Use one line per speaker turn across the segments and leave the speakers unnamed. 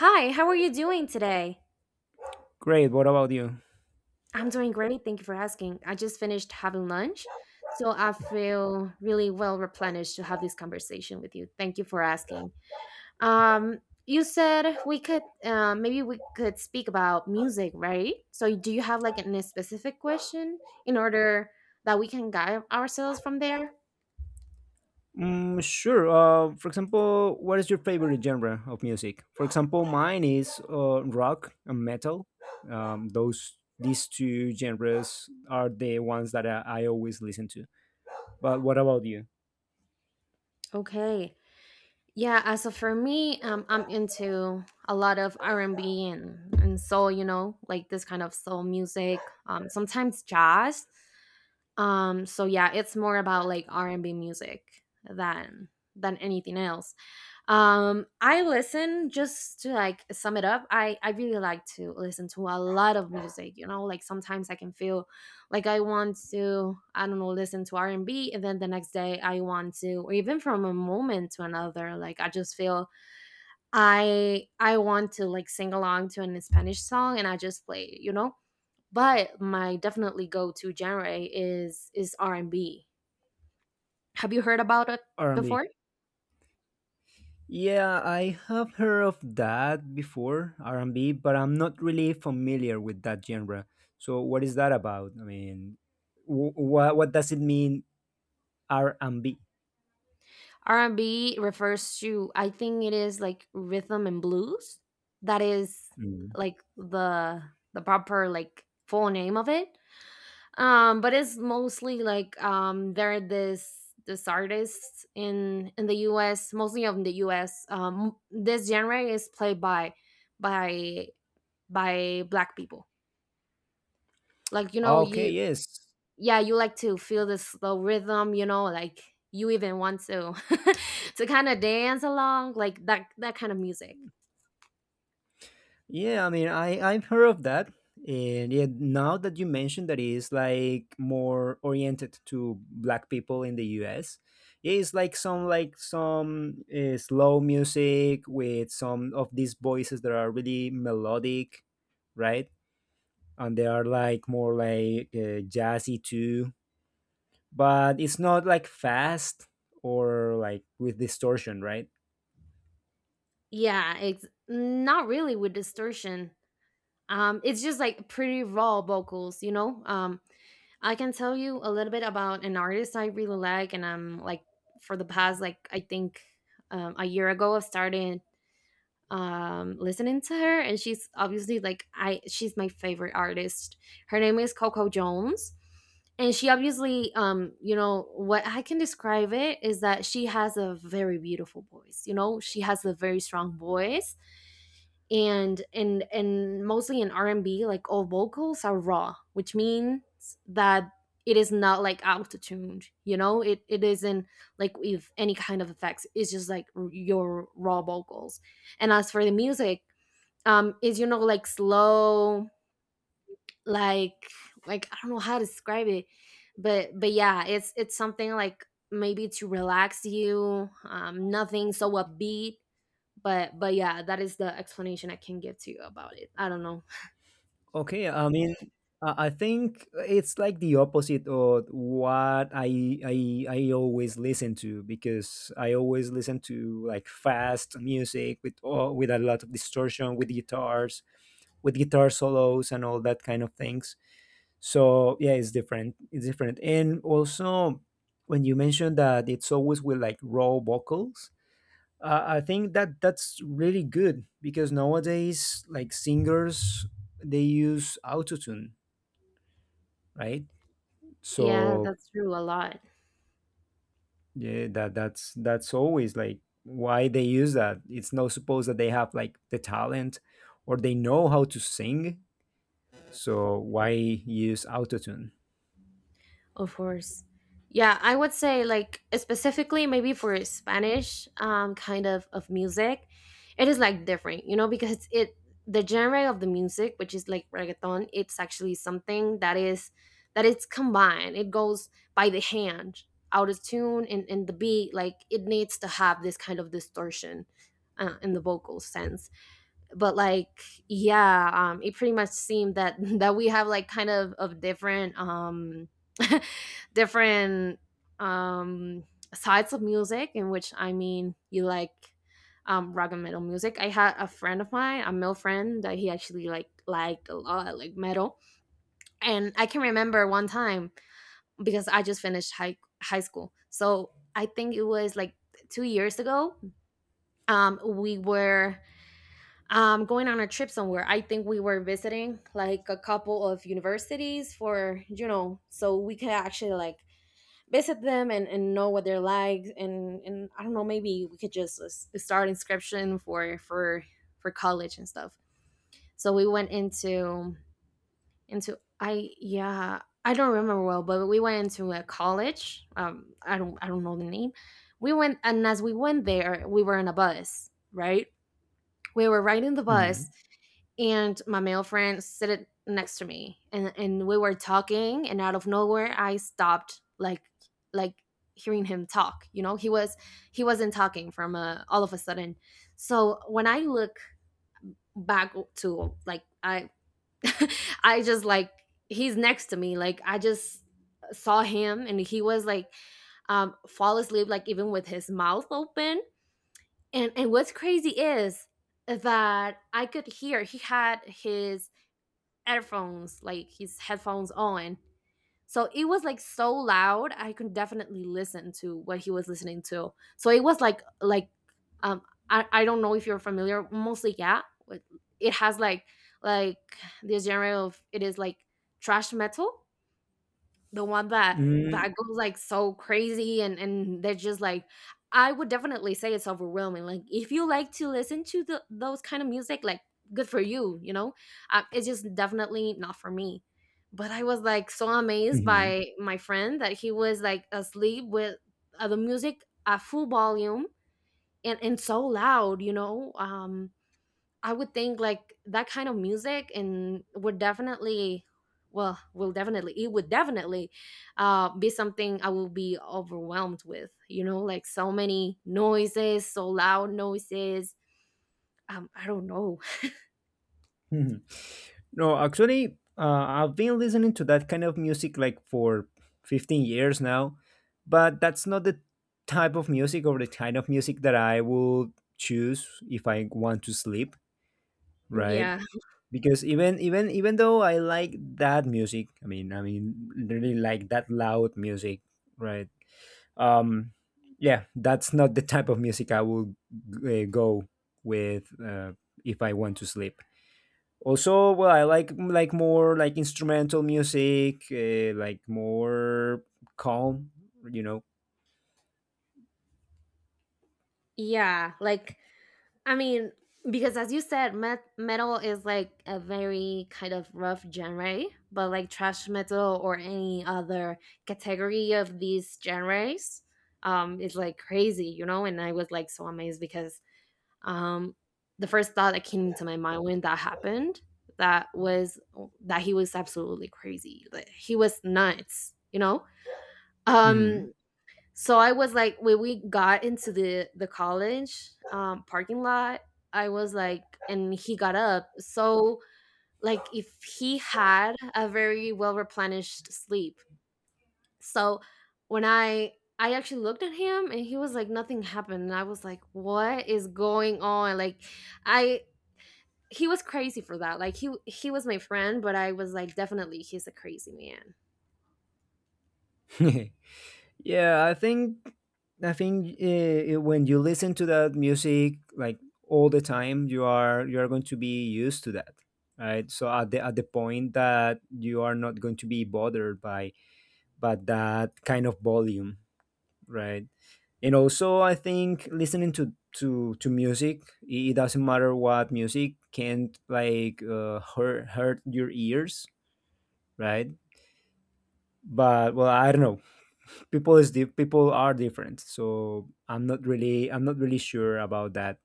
Hi, how are you doing today?
Great. What about you?
I'm doing great. Thank you for asking. I just finished having lunch, so I feel really well replenished to have this conversation with you. Thank you for asking. Um, you said we could maybe we could speak about music, right? So, do you have like a specific question in order that we can guide ourselves from there?
Mm, sure. For example, what is your favorite genre of music? For example, mine is rock and metal. Those These two genres are the ones that I always listen to. But what about you?
Okay. Yeah, as of for me, I'm into a lot of R&B and soul. You know, like this kind of soul music. Sometimes jazz. So yeah, it's more about like R&B music than anything else. I listen just to like sum it up. I really like to listen to a lot of music. You know, like sometimes I can feel like I want to, I don't know, listen to R&B, and then the next day I want to, or even from a moment to another, like I just feel I want to like sing along to an Spanish song and I just play it, you know? But my definitely go-to genre is R&B. Have you heard about it
R and B.
before?
Yeah, I have heard of that before R and B, but I'm not really familiar with that genre. So what is that about? I mean, what does it mean R and B?
R&B refers to, I think it is like rhythm and blues. That is
Mm.
like the proper like full name of it. But it's mostly like there are this artists in the US, mostly of the US. This genre is played by by by black people, like, you know,
Okay.
you
Yes.
yeah, you like to feel this slow rhythm, you know, like you even want to to kind of dance along, like that kind of music.
Yeah, I mean, I've heard of that, and yeah, now that you mentioned that it's like more oriented to black people in the U.S. Yeah, it's like some slow music with some of these voices that are really melodic, right? And they are like more like jazzy too, but it's not like fast or like with distortion, right?
Yeah, it's not really with distortion. It's just like pretty raw vocals, you know. I can tell you a little bit about an artist I really like, and I'm like for the past, like, I think a year ago I started listening to her, and she's obviously like I she's my favorite artist. Her name is Coco Jones, and she obviously, you know, what I can describe it is that she has a very beautiful voice, you know, she has a very strong voice. And mostly in R&B, like all vocals are raw, which means that it is not like auto tuned, you know, it isn't like with any kind of effects, it's just like your raw vocals. And as for the music, is, you know, like slow, like, I don't know how to describe it, but yeah, it's something like maybe to relax you, nothing so upbeat. But yeah, that is the explanation I can give to you about it, I don't know.
Okay, I mean, I think it's like the opposite of what I always listen to because I always listen to like fast music with with a lot of distortion, with guitars, with guitar solos and all that kind of things. So yeah, it's different. It's different, and also when you mentioned that it's always with like raw vocals, I think that that's really good because nowadays, like singers, they use autotune, right?
Yeah,
So
that's true, a lot.
yeah, that's always like why they use that. It's not supposed that they have like the talent or they know how to sing. So why use autotune?
Of course. Yeah, I would say, like, specifically maybe for Spanish kind of music, it is like different, you know, because it the genre of the music, which is like reggaeton, it's actually something that is, that it's combined. It goes by the hand, out of tune, and the beat, like it needs to have this kind of distortion in the vocal sense. But like, yeah, it pretty much seemed that that we have like kind of different different um sides of music, in which, I mean, you like rock and metal music. I had a friend of mine, a male friend, that he actually like liked a lot, like, metal. And I can remember one time, because I just finished high school, so I think it was like 2 years ago. We were going on a trip somewhere. I think we were visiting like a couple of universities for, you know, so we could actually like visit them and know what they're like, and I don't know, maybe we could just start inscription for college and stuff. So we went into I yeah, I don't remember well, but we went into a college. I don't know the name. We went, and as we went there, we were in a bus, right? We were riding the
Mm-hmm.
bus. And my male friend sat next to me, and we were talking, and out of nowhere I stopped, like, like hearing him talk. You know, he wasn't talking from, all of a sudden. So when I look back to, like, I I just, like — he's next to me, like, I just saw him and he was like, fall asleep, like even with his mouth open. And what's crazy is that I could hear he had his earphones, like, his headphones on. So it was like so loud, I could definitely listen to what he was listening to. So it was like um I don't know if you're familiar, mostly yeah. with- It has like, like this genre of it is like trash metal, the one that
Mm-hmm.
that goes, like, so crazy and they're just, like — I would definitely say it's overwhelming, like, if you like to listen to the those kind of music, like, good for you, you know? It's just definitely not for me. But I was, like, so amazed
Mm-hmm.
by my friend that he was, like, asleep with, the music at full volume and so loud, you know? I would think like that kind of music and would definitely well, will definitely it would definitely, be something I will be overwhelmed with, you know, like so many noises, so loud noises. I don't know.
Mhm. No, actually, I've been listening to that kind of music like for 15 years now, but that's not the type of music or the kind of music that I would choose if I want to sleep, right?
Yeah,
Because even though I like that music, I mean, really like that loud music, right? Um, yeah, that's not the type of music I would go with if I want to sleep. Also, well, I like more like instrumental music, like more calm, you know.
yeah, like, I mean, because as you said, metal is like a very kind of rough genre, but like trash metal or any other category of these genres is like crazy, you know? And I was like so amazed because, um, the first thought that came to my mind when that happened, that was that he was absolutely crazy, like he was nuts, you know.
Hmm.
um so I was like, when we got into the college parking lot, I was like — and he got up, so, like, if he had a very well replenished sleep. So when I actually looked at him, and he was like nothing happened, and I was like, what is going on, like, I he was crazy for that. Like he was my friend, but I was like, definitely he's a crazy man.
Yeah, I think when you listen to that music like all the time, you are going to be used to that, right? So at the point that you are not going to be bothered by that kind of volume, right? And also, I think listening to to music, it doesn't matter what music can't like hurt your ears, right? But well, I don't know, people are different, so I'm not really sure about that.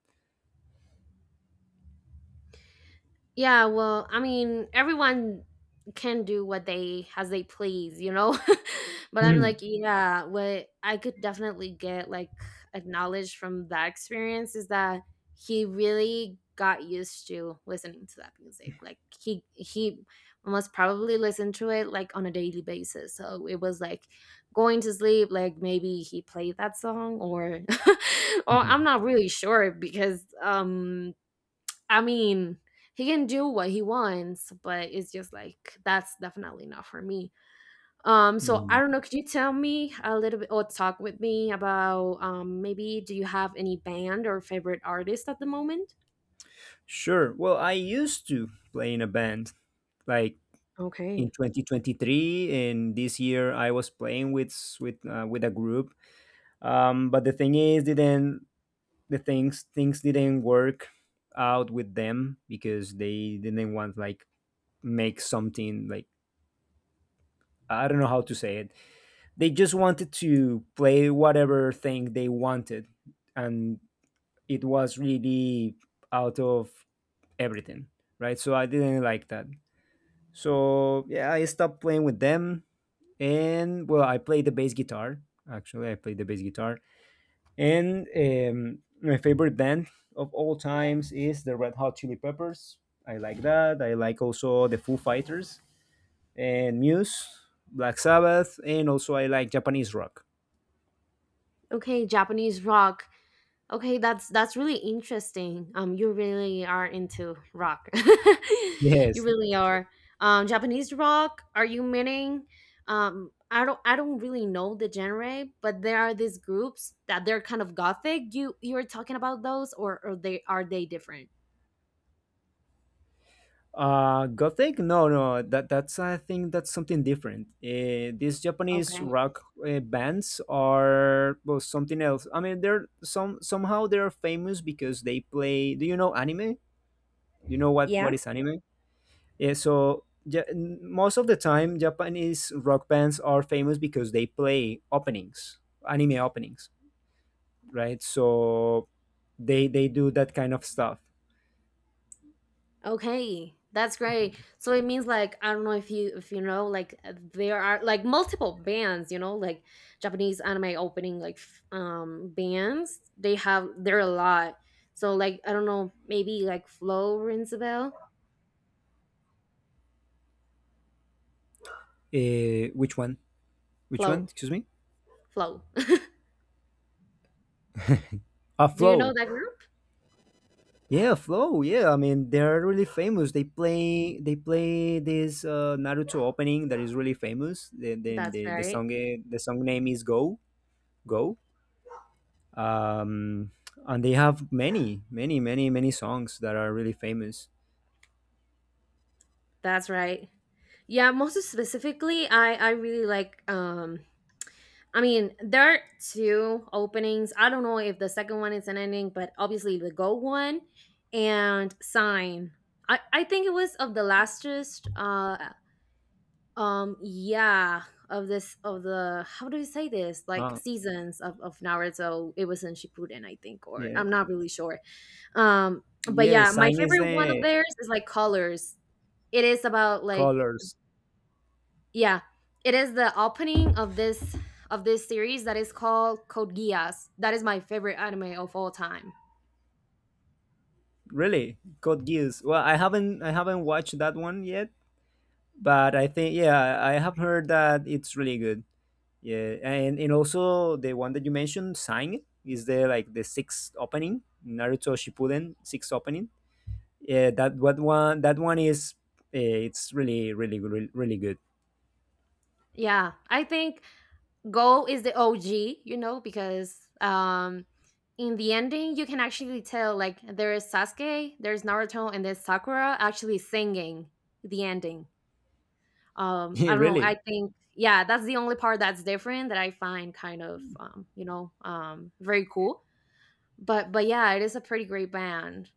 Yeah, well, I mean, everyone can do what they as they please, you know. But I'm like,
Mhm.
yeah, what I could definitely get, like, acknowledged from that experience is that he really got used to listening to that music. Like he most probably listened to it like on a daily basis. So it was like going to sleep, like maybe he played that song or or I'm not really sure because, I mean, he can do what he wants, but it's just like that's definitely not for me. So I don't know. Could you tell me a little bit or talk with me about, maybe do you have any band or favorite artist at the moment?
Sure. Well, I used to play in a band like in
Okay.
2023, and this year I was playing with with a group. But the thing is, didn't the things didn't work out with them because they didn't want like make something like I don't know how to say it. They just wanted to play whatever thing they wanted and it was really out of everything, right? So I didn't like that. So yeah, I stopped playing with them and well, I played the bass guitar. Actually, I played the bass guitar. And My favorite band of all times is the Red Hot Chili Peppers. I like that. I like also the Foo Fighters and Muse, Black Sabbath, and also I like Japanese rock.
Okay, Japanese rock. Okay, that's really interesting. You really are into rock. You
Yes.
really are. Japanese rock. Are you meaning? I don't really know the genre, but there are these groups that they're kind of gothic. You're talking about those, or they are they different?
Gothic? No, no. That that's I think that's something different. These Japanese
Okay.
rock bands are well, something else. I mean, they're some somehow they're famous because they play. Do you know anime? Do you know
Yeah,
what is anime? Yeah, most of the time, Japanese rock bands are famous because they play openings, anime openings, right? So they do that kind of stuff.
okay, that's great. So it means like, I don't know if you know, like, there are like multiple bands, you know, like Japanese anime opening like bands. They have, there are a lot. So, like, I don't know, maybe like Flow rings a bell.
Which one? Which one?
Flow,
Excuse me.
Flow.
A
Do you know
flow.
that group?
Yeah, flow. Yeah, I mean they're really famous. They play this Naruto opening that is really famous. The the,
That's
the, the
right.
song the song name is Go Go. Um, and they have many many many many songs that are really famous.
That's right. Yeah, most specifically, I really like, I mean, there are two openings. I don't know if the second one is an ending, but obviously the Go one and Sign. I think it was of the lastest, yeah, of this, of the — how do you say this, like,
Oh,
seasons of Naruto. It was in Shippuden, I think, or
yeah.
I'm not really sure. um but
Yeah,
yeah, my
sign is
favorite one of
the
theirs is, like, Colors. It is about, like,
colors.
yeah, it is the opening of this series that is called Code Geass. That is my favorite anime of all time.
Really? Code Geass. Well, I haven't watched that one yet, but I think yeah, I have heard that it's really good. Yeah, and also the one that you mentioned, Sign, is the like the sixth opening, Naruto Shippuden sixth opening. Yeah, that what one that one is it's really really really, really good.
Yeah, I think Go is the OG, you know, because in the ending you can actually tell, like, there is Sasuke, there's Naruto, and there's Sakura actually singing the ending.
Yeah,
I don't know, I
really.
think, yeah, that's the only part that's different that I find kind of, you know, very cool. But yeah, it is a pretty great band.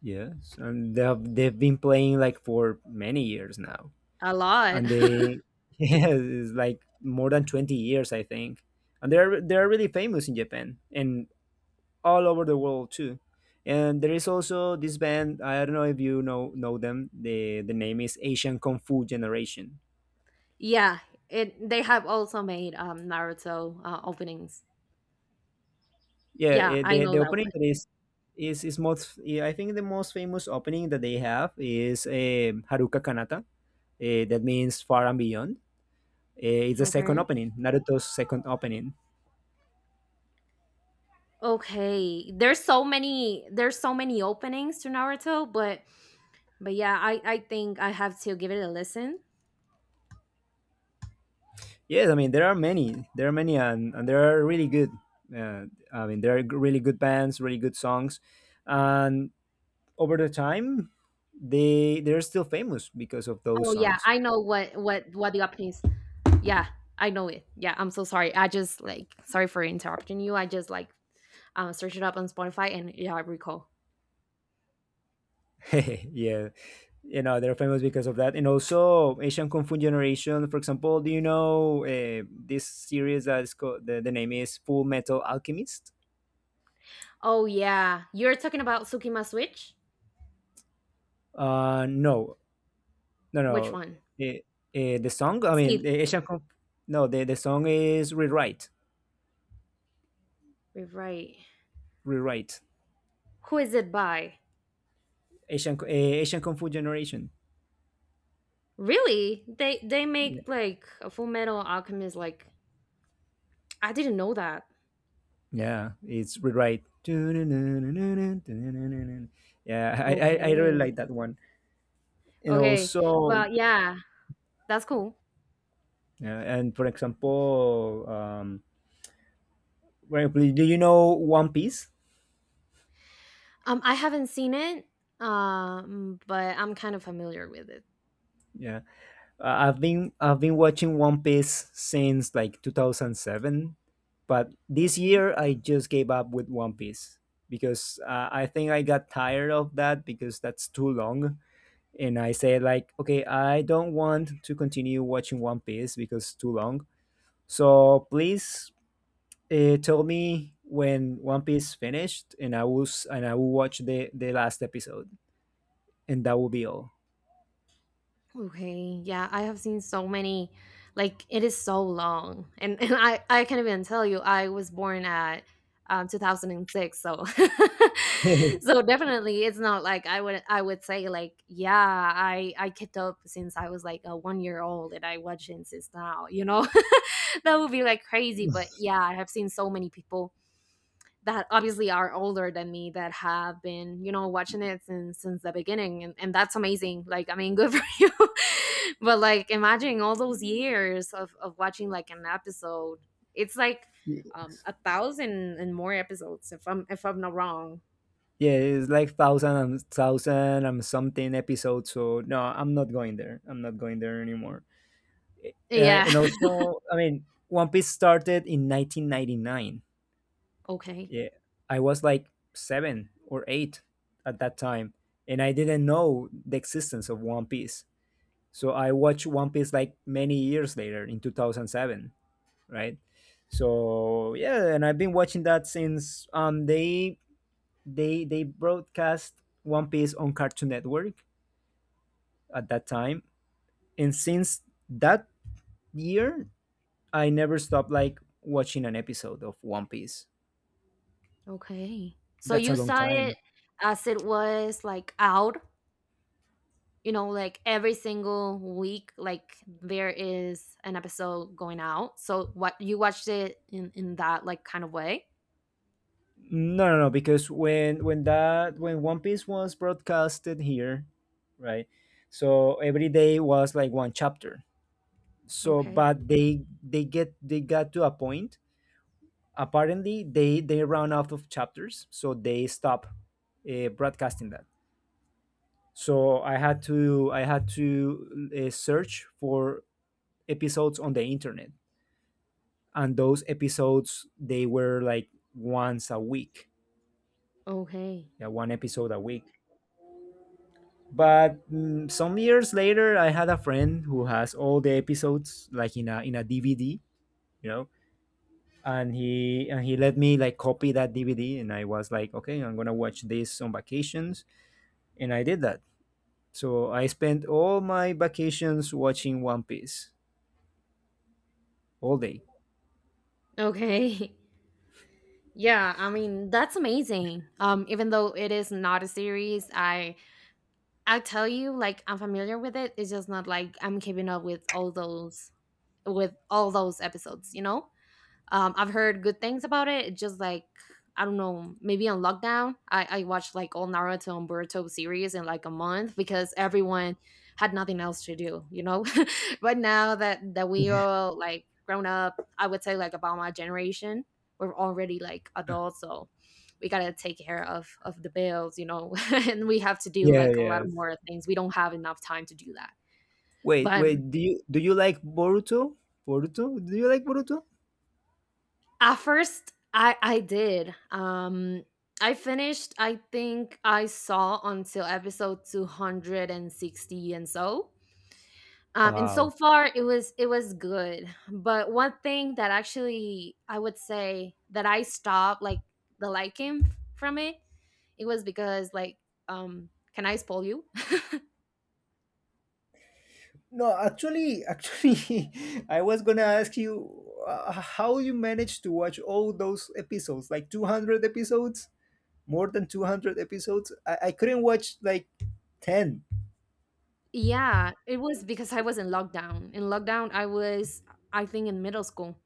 Yes, and they have, they've been playing like for many years now.
A lot.
And they yeah, it's like more than 20 years I think, and they're really famous in Japan and all over the world too. And there is also this band, I don't know if you know them, the name is Asian Kung Fu Generation.
Yeah, it they have also made Naruto openings.
Yeah,
Yeah,
eh,
I
the,
know
the
that
opening that is most yeah, I think the most famous opening that they have is Haruka Kanata. That means far and beyond. It's the
one.
second
Okay.
opening, Naruto's second opening.
Okay. There's so many, there's so many openings to Naruto, but yeah, I think I have to give it a listen.
Yes, I mean there are many, and there are really good. Uh, I mean there are really good bands, really good songs, and over the time, they they're still famous because of those
Oh yeah,
songs.
I know what what the opening is. Yeah, I know it. Yeah, I'm so sorry. I just like sorry for interrupting you. I just like searched it up on Spotify, and yeah, I recall.
Yeah, you know they're famous because of that, and also Asian Kung Fu Generation, for example. Do you know this series that is called the name is Full Metal Alchemist?
Oh yeah, you're talking about Tsukima Switch?
No, no,
Which
no.
one?
The, the song, I
See.
mean, the Asian Kung, no, the song is Rewrite.
Right.
Rewrite.
Who is it by?
Asian Asian Kung Fu Generation.
Really? They
Yeah,
make like a Full Metal Alchemist, like I didn't know that.
yeah, it's Rewrite. Yeah, I really
Okay.
like that one. And
Okay.
also,
Well, yeah. That's cool.
and for example, do you know One Piece?
I haven't seen it, but I'm kind of familiar with it.
Yeah, uh, I've been watching One Piece since like 2007, but this
Okay.
year I just gave up with One Piece because I think I got tired of that because that's too long. And I said like, okay, I don't want to continue watching One Piece because it's too long. So please tell me when One Piece finished, and I will watch the last episode, and that will be all.
Okay, yeah, I have seen so many. Like it is so long, and I can't even tell you. I was born at 2006, so so definitely it's not like I would, I would say like yeah, I kept up since I was like a 1 year old and I watching since now. You know, that would be like crazy. But yeah, I have seen so many people that obviously are older than me, that have been, you know, watching it since, the beginning, and, that's amazing, like I mean, good for you. But like imagine all those years of watching like an episode. It's like a thousand and more episodes if I'm, if I'm not wrong.
Yeah, it's like thousand and thousand and something episodes. So no, I'm not going there. I'm not going there anymore.
Yeah.
And also, I mean, One Piece started in 1999.
Okay.
Yeah, I was like seven or eight at that time, and I didn't know the existence of One Piece. So I watched One Piece like many years later in 2007, right? So yeah, and I've been watching that since they they broadcast One Piece on Cartoon Network at that time, and since that year, I never stopped like watching an episode of One Piece.
Okay, so
That's a
you
long
saw
time.
it as it was like out, you know, like every single week, like there is an episode going out. So what, you watched it in that like kind of way.
No, no, no, because when One Piece was broadcasted here, right? So every day was like one chapter. So
Okay.
but they got to a point. Apparently they ran out of chapters, so they stop broadcasting that. So I had to search for episodes on the internet, and those episodes they were like once a week,
Okay.
yeah, one episode a week. But mm, some years later, I had a friend who has all the episodes like in a DVD, you know, and he let me like copy that DVD, and I was like, okay, I'm gonna watch this on vacations, and I did that. So I spent all my vacations watching One Piece all day.
Okay. Yeah, I mean, that's amazing. Even though it is not a series, I tell you, like I'm familiar with it. It's just not like I'm keeping up with all those, with all those episodes, you know? I've heard good things about it. It's just like I don't know, maybe on lockdown, I watched like all Naruto and Boruto series in like a month, because everyone had nothing else to do, you know. But now that we all like grown up, I would say like about my generation, we're already like adults, so we gotta take care of the bills, you know, and we have to do
Yeah,
like a lot
yeah.
of more things. We don't have enough time to do that.
Wait,
But
wait. Do you like Boruto? Boruto? Do you like Boruto?
at first, I did. I finished. I think I saw until episode 260, and so. And so
Wow.
far, it was, it was good. But one thing that actually I would say that I stopped like the liking from it, it was because like can I spoil you?
No, actually, actually, I was gonna ask you how you managed to watch all those episodes, like 200 episodes, more than 200 episodes. I couldn't watch like 10.
Yeah, it was because I was in lockdown. In lockdown, I was I think in middle school.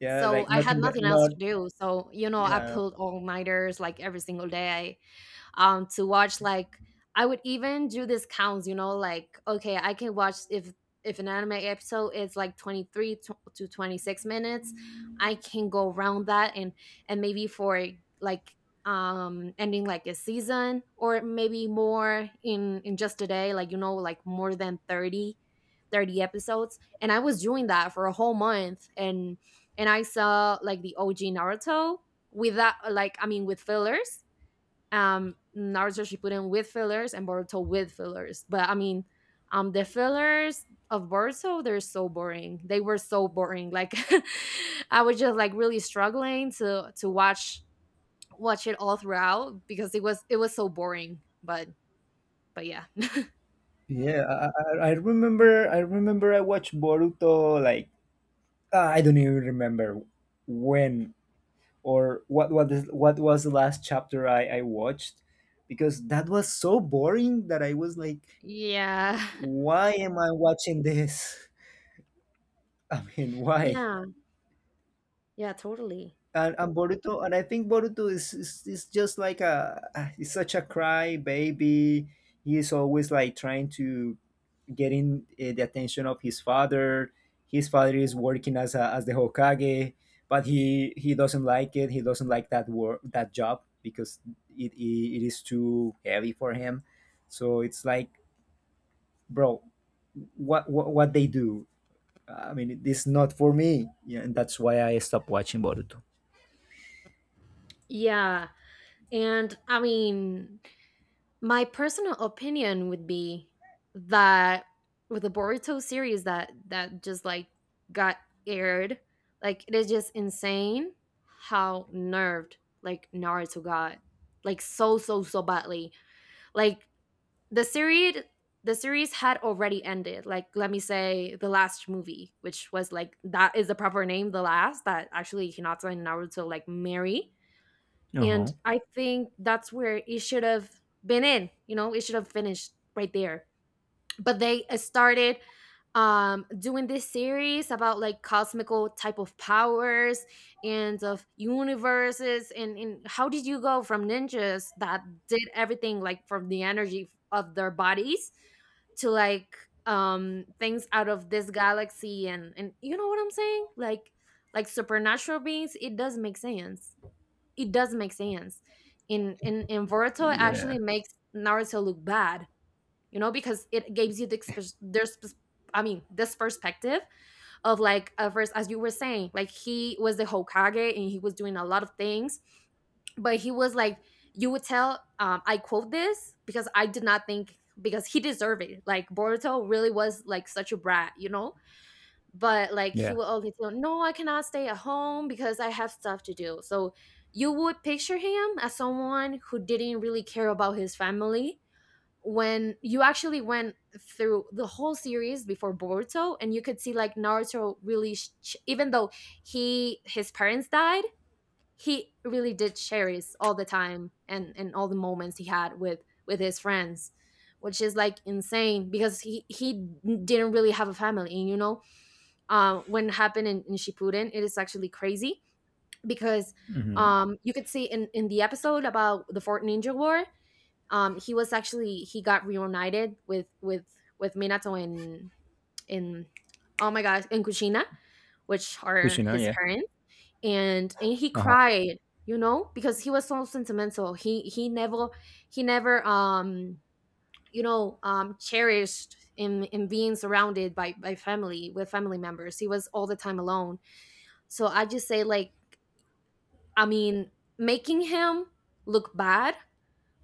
Yeah,
So
like
I had
nothing but
nothing else
not.
to do. So, you know, I
Yeah,
pulled all nighters like every single day to watch like I would even do these counts, you know, like okay, I can watch if an anime episode is like 23 to 26 minutes, I can go around that, and maybe for like ending like a season or maybe more in just a day, like you know, like more than 30 episodes, and I was doing that for a whole month, and I saw like the OG Naruto with that, like I mean with fillers, Naruto Shippuden with fillers, and Boruto with fillers. But I mean, the fillers of Boruto, they're so boring. They were so boring. Like I was just like really struggling to watch it all throughout, because it was, it was so boring. But yeah.
yeah. I remember. I remember. I watched Boruto. Like I don't even remember when or what. What is what was the last chapter I watched? Because that was so boring that I was like,
Yeah.
why am I watching this? I mean, why?
Yeah. Yeah, totally.
And Boruto, and I think Boruto is just like he's such a cry baby. He is always like trying to get in the attention of his father. His father is working as as the Hokage, but he doesn't like it. He doesn't like that work that job because it is too heavy for him. So it's like, bro, what they do? I mean, it's not for me. Yeah, and that's why I stopped watching Boruto.
Yeah. And I mean, my personal opinion would be that with the Boruto series that just like got aired, like it is just insane how nerfed like Naruto got, like so, so so badly. Like the series, had already ended. Like let me say the last movie, which was like that is the proper name, the last, that actually Hinata and Naruto like marry.
Uh huh.
And I think that's where it should have been in, you know, it should have finished right there. But they started doing this series about like cosmical type of powers and of universes, and how did you go from ninjas that did everything like from the energy of their bodies to like things out of this galaxy, and you know what I'm saying like supernatural beings. It does make sense, it does make sense. In in Boruto, it
Yeah,
actually makes Naruto look bad, you know, because it gives you the there's I mean this perspective of like first, as you were saying, like he was the Hokage and he was doing a lot of things, but he was like you would tell, I quote this because I did not think because he deserved it, like Boruto really was like such a brat, you know, but like he
yeah.
will always tell, no, I cannot stay at home because I have stuff to do. So you would picture him as someone who didn't really care about his family, when you actually went through the whole series before Boruto, and you could see like Naruto really even though he, his parents died, he really did cherish all the time, and all the moments he had with his friends, which is like insane because he didn't really have a family, you know. When happened in, Shippuden, it is actually crazy because you could see in, the episode about the Fort Ninja War, he was actually, he got reunited with, with Minato in in oh my gosh, in Kushina, which are
Kushina.
his
Yeah.
parents, and he
Uh huh.
cried, you know, because he was so sentimental. He, he never you know, cherished in, being surrounded by, family, with family members. He was all the time alone. So I just say like I mean making him look bad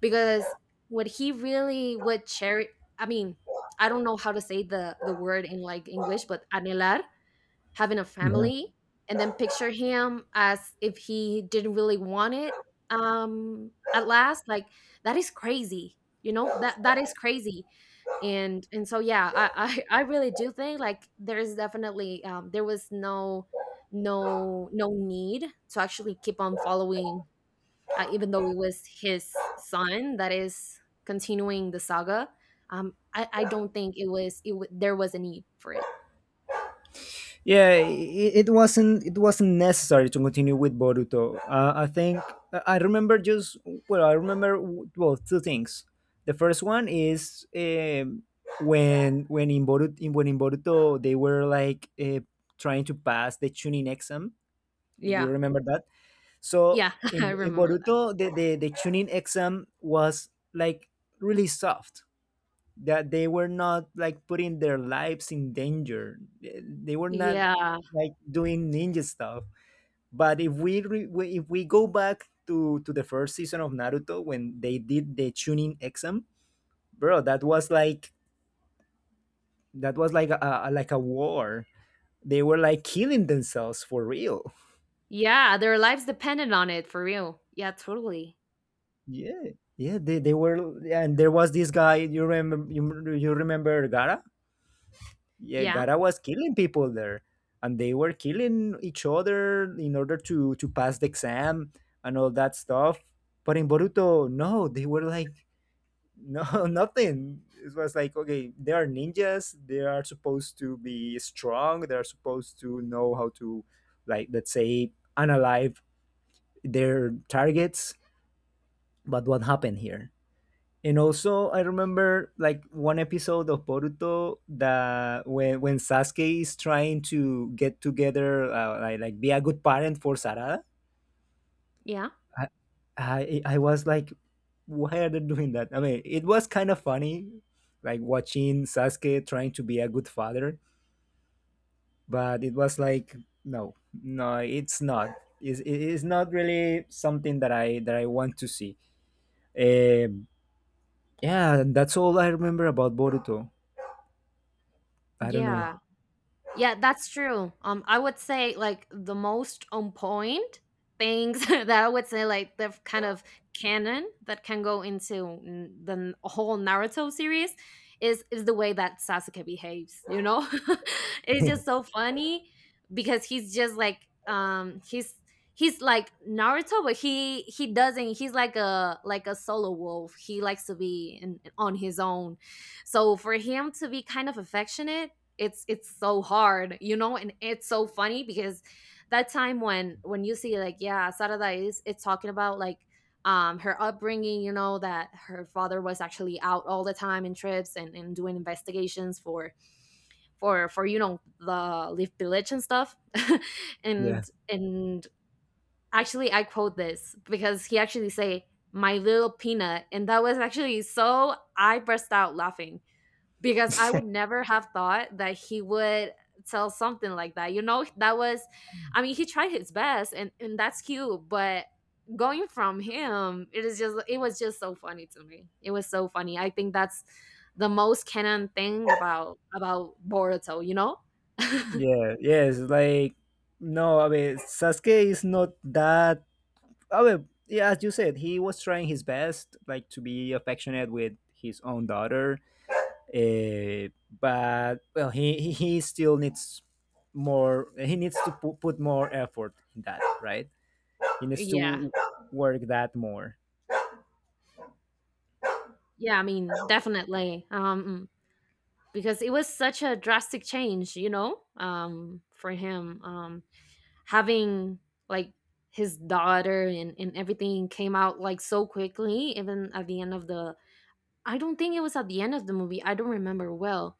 because what he really would cherish, I mean, I don't know how to say the word in like English, but anhelar, having a
Hmm.
family, and then picture him as if he didn't really want it, at last, like, that is crazy, you know, that is crazy. And so yeah, I really do think like there is definitely, there was no, no need to actually keep on following, even though it was his son that is continuing the saga. I don't think it was, there was a need for it.
Yeah. It, it wasn't necessary to continue with Boruto. I think I remember just well, I remember well two things. The first one is when in Boruto in, when in Boruto they were like trying to pass the Chunin exam. Do you
Yeah.
remember that? So
Yeah. I
in
remember.
Boruto, the tuning exam was like really soft. That they were not like putting their lives in danger. They were not
Yeah.
like doing ninja stuff. But if we if we go back to the first season of Naruto when they did the tuning exam, bro, that was like a like a war. They were like killing themselves for real.
Yeah, their lives depended on it for real. Yeah, totally.
Yeah, yeah, they were, and there was this guy. You remember? You remember Gara? Yeah,
Yeah.
Gara was killing people there, and they were killing each other in order to pass the exam and all that stuff. But in Boruto, no, they were like no nothing. It was like okay, they are ninjas. They are supposed to be strong. They are supposed to know how to, like, let's say, analyze their targets. But what happened here? And also, I remember like one episode of Boruto that when Sasuke is trying to get together, like be a good parent for Sarada.
Yeah.
I, I was like, why are they doing that? I mean, it was kind of funny, like watching Sasuke trying to be a good father, but it was like, no, no, it's not. It is not really something that I want to see. Um, yeah, that's all I remember about Boruto. I don't know.
Yeah. Yeah, that's true. I would say like the most on point things that I would say like the kind of canon that can go into the whole Naruto series is, the way that Sasuke behaves. You know, it's just so funny because he's just like um he's he's like Naruto, but he doesn't. He's like a, solo wolf. He likes to be in, on his own. So for him to be kind of affectionate, it's, so hard, you know. And it's so funny because that time when, you see like, yeah, Sarada is, it's talking about like her upbringing, you know, that her father was actually out all the time in trips, and doing investigations for, for you know, the leaf village and stuff.
Yeah.
And actually I quote this because he actually say, my little peanut, and that was actually, so I burst out laughing because I would never have thought that he would tell something like that. You know, that was, I mean, he tried his best, and that's cute. But going from him, it is just, it was just so funny to me. It was so funny. I think that's the most canon thing about, Boruto. You know?
Yeah, yes, like no, I mean Sasuke is not that I mean, yeah, as you said, he was trying his best like to be affectionate with his own daughter. Uh, but well, he still needs more he needs to put more effort in that, right? He needs
Yeah,
to work that more.
yeah. I mean, definitely. Because it was such a drastic change. You know, for him. Having like his daughter, and everything came out like so quickly, even at the end of the, I don't think it was at the end of the movie. I don't remember well,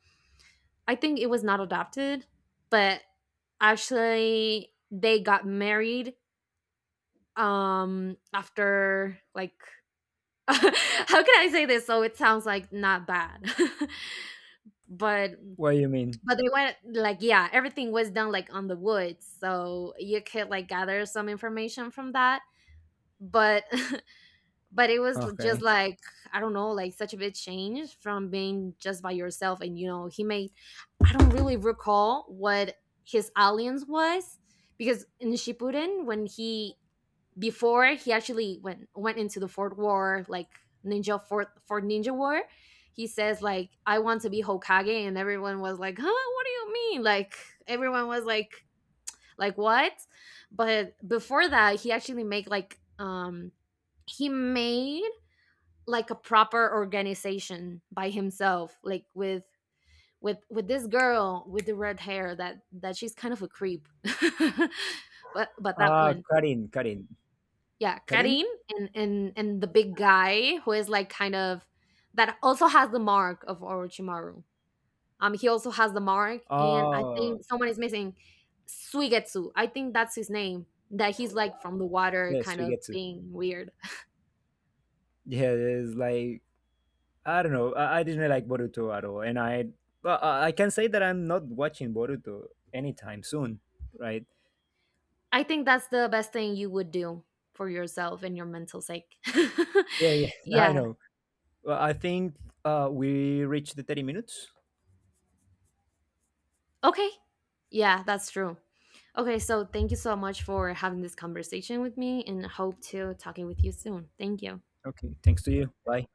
I think it was not adopted, but actually they got married after like how can I say this so it sounds like not bad, but
What do you mean?
they went like, yeah, everything was done like on the woods, so you could like gather some information from that, but but it was just
Okay.
like I don't know, like such a big change from being just by yourself. And you know, he made, I don't really recall what his alliance was, because in Shippuden when he, before he actually went into the fort war, like ninja, fort ninja war, he says like I want to be Hokage, and everyone was like, huh, what do you mean? Like everyone was like, what? But before that, he actually made like he made like a proper organization by himself, like with, with this girl with the red hair, that she's kind of a creep. But that
Ah,
one,
Karin, Karin.
yeah,
Karin?
Karin. And and the big guy who is like kind of, that also has the mark of Orochimaru, he also has the mark, and I
Oh,
think someone is missing. Suigetsu, I think that's his name, that he's like from the water,
yes,
kind
we
of
get to.
being weird.
Yeah, it's like I don't know. I didn't like Boruto at all, and I well, I can say that I'm not watching Boruto anytime soon, right?
I think that's the best thing you would do for yourself and your mental sake.
Yeah, yeah, I
Yeah.
know. Well, I think we reached the 30 minutes.
Okay. Yeah, that's true. Okay, so thank you so much for having this conversation with me, and hope to talking with you soon. Thank you.
Okay, thanks to you. Bye.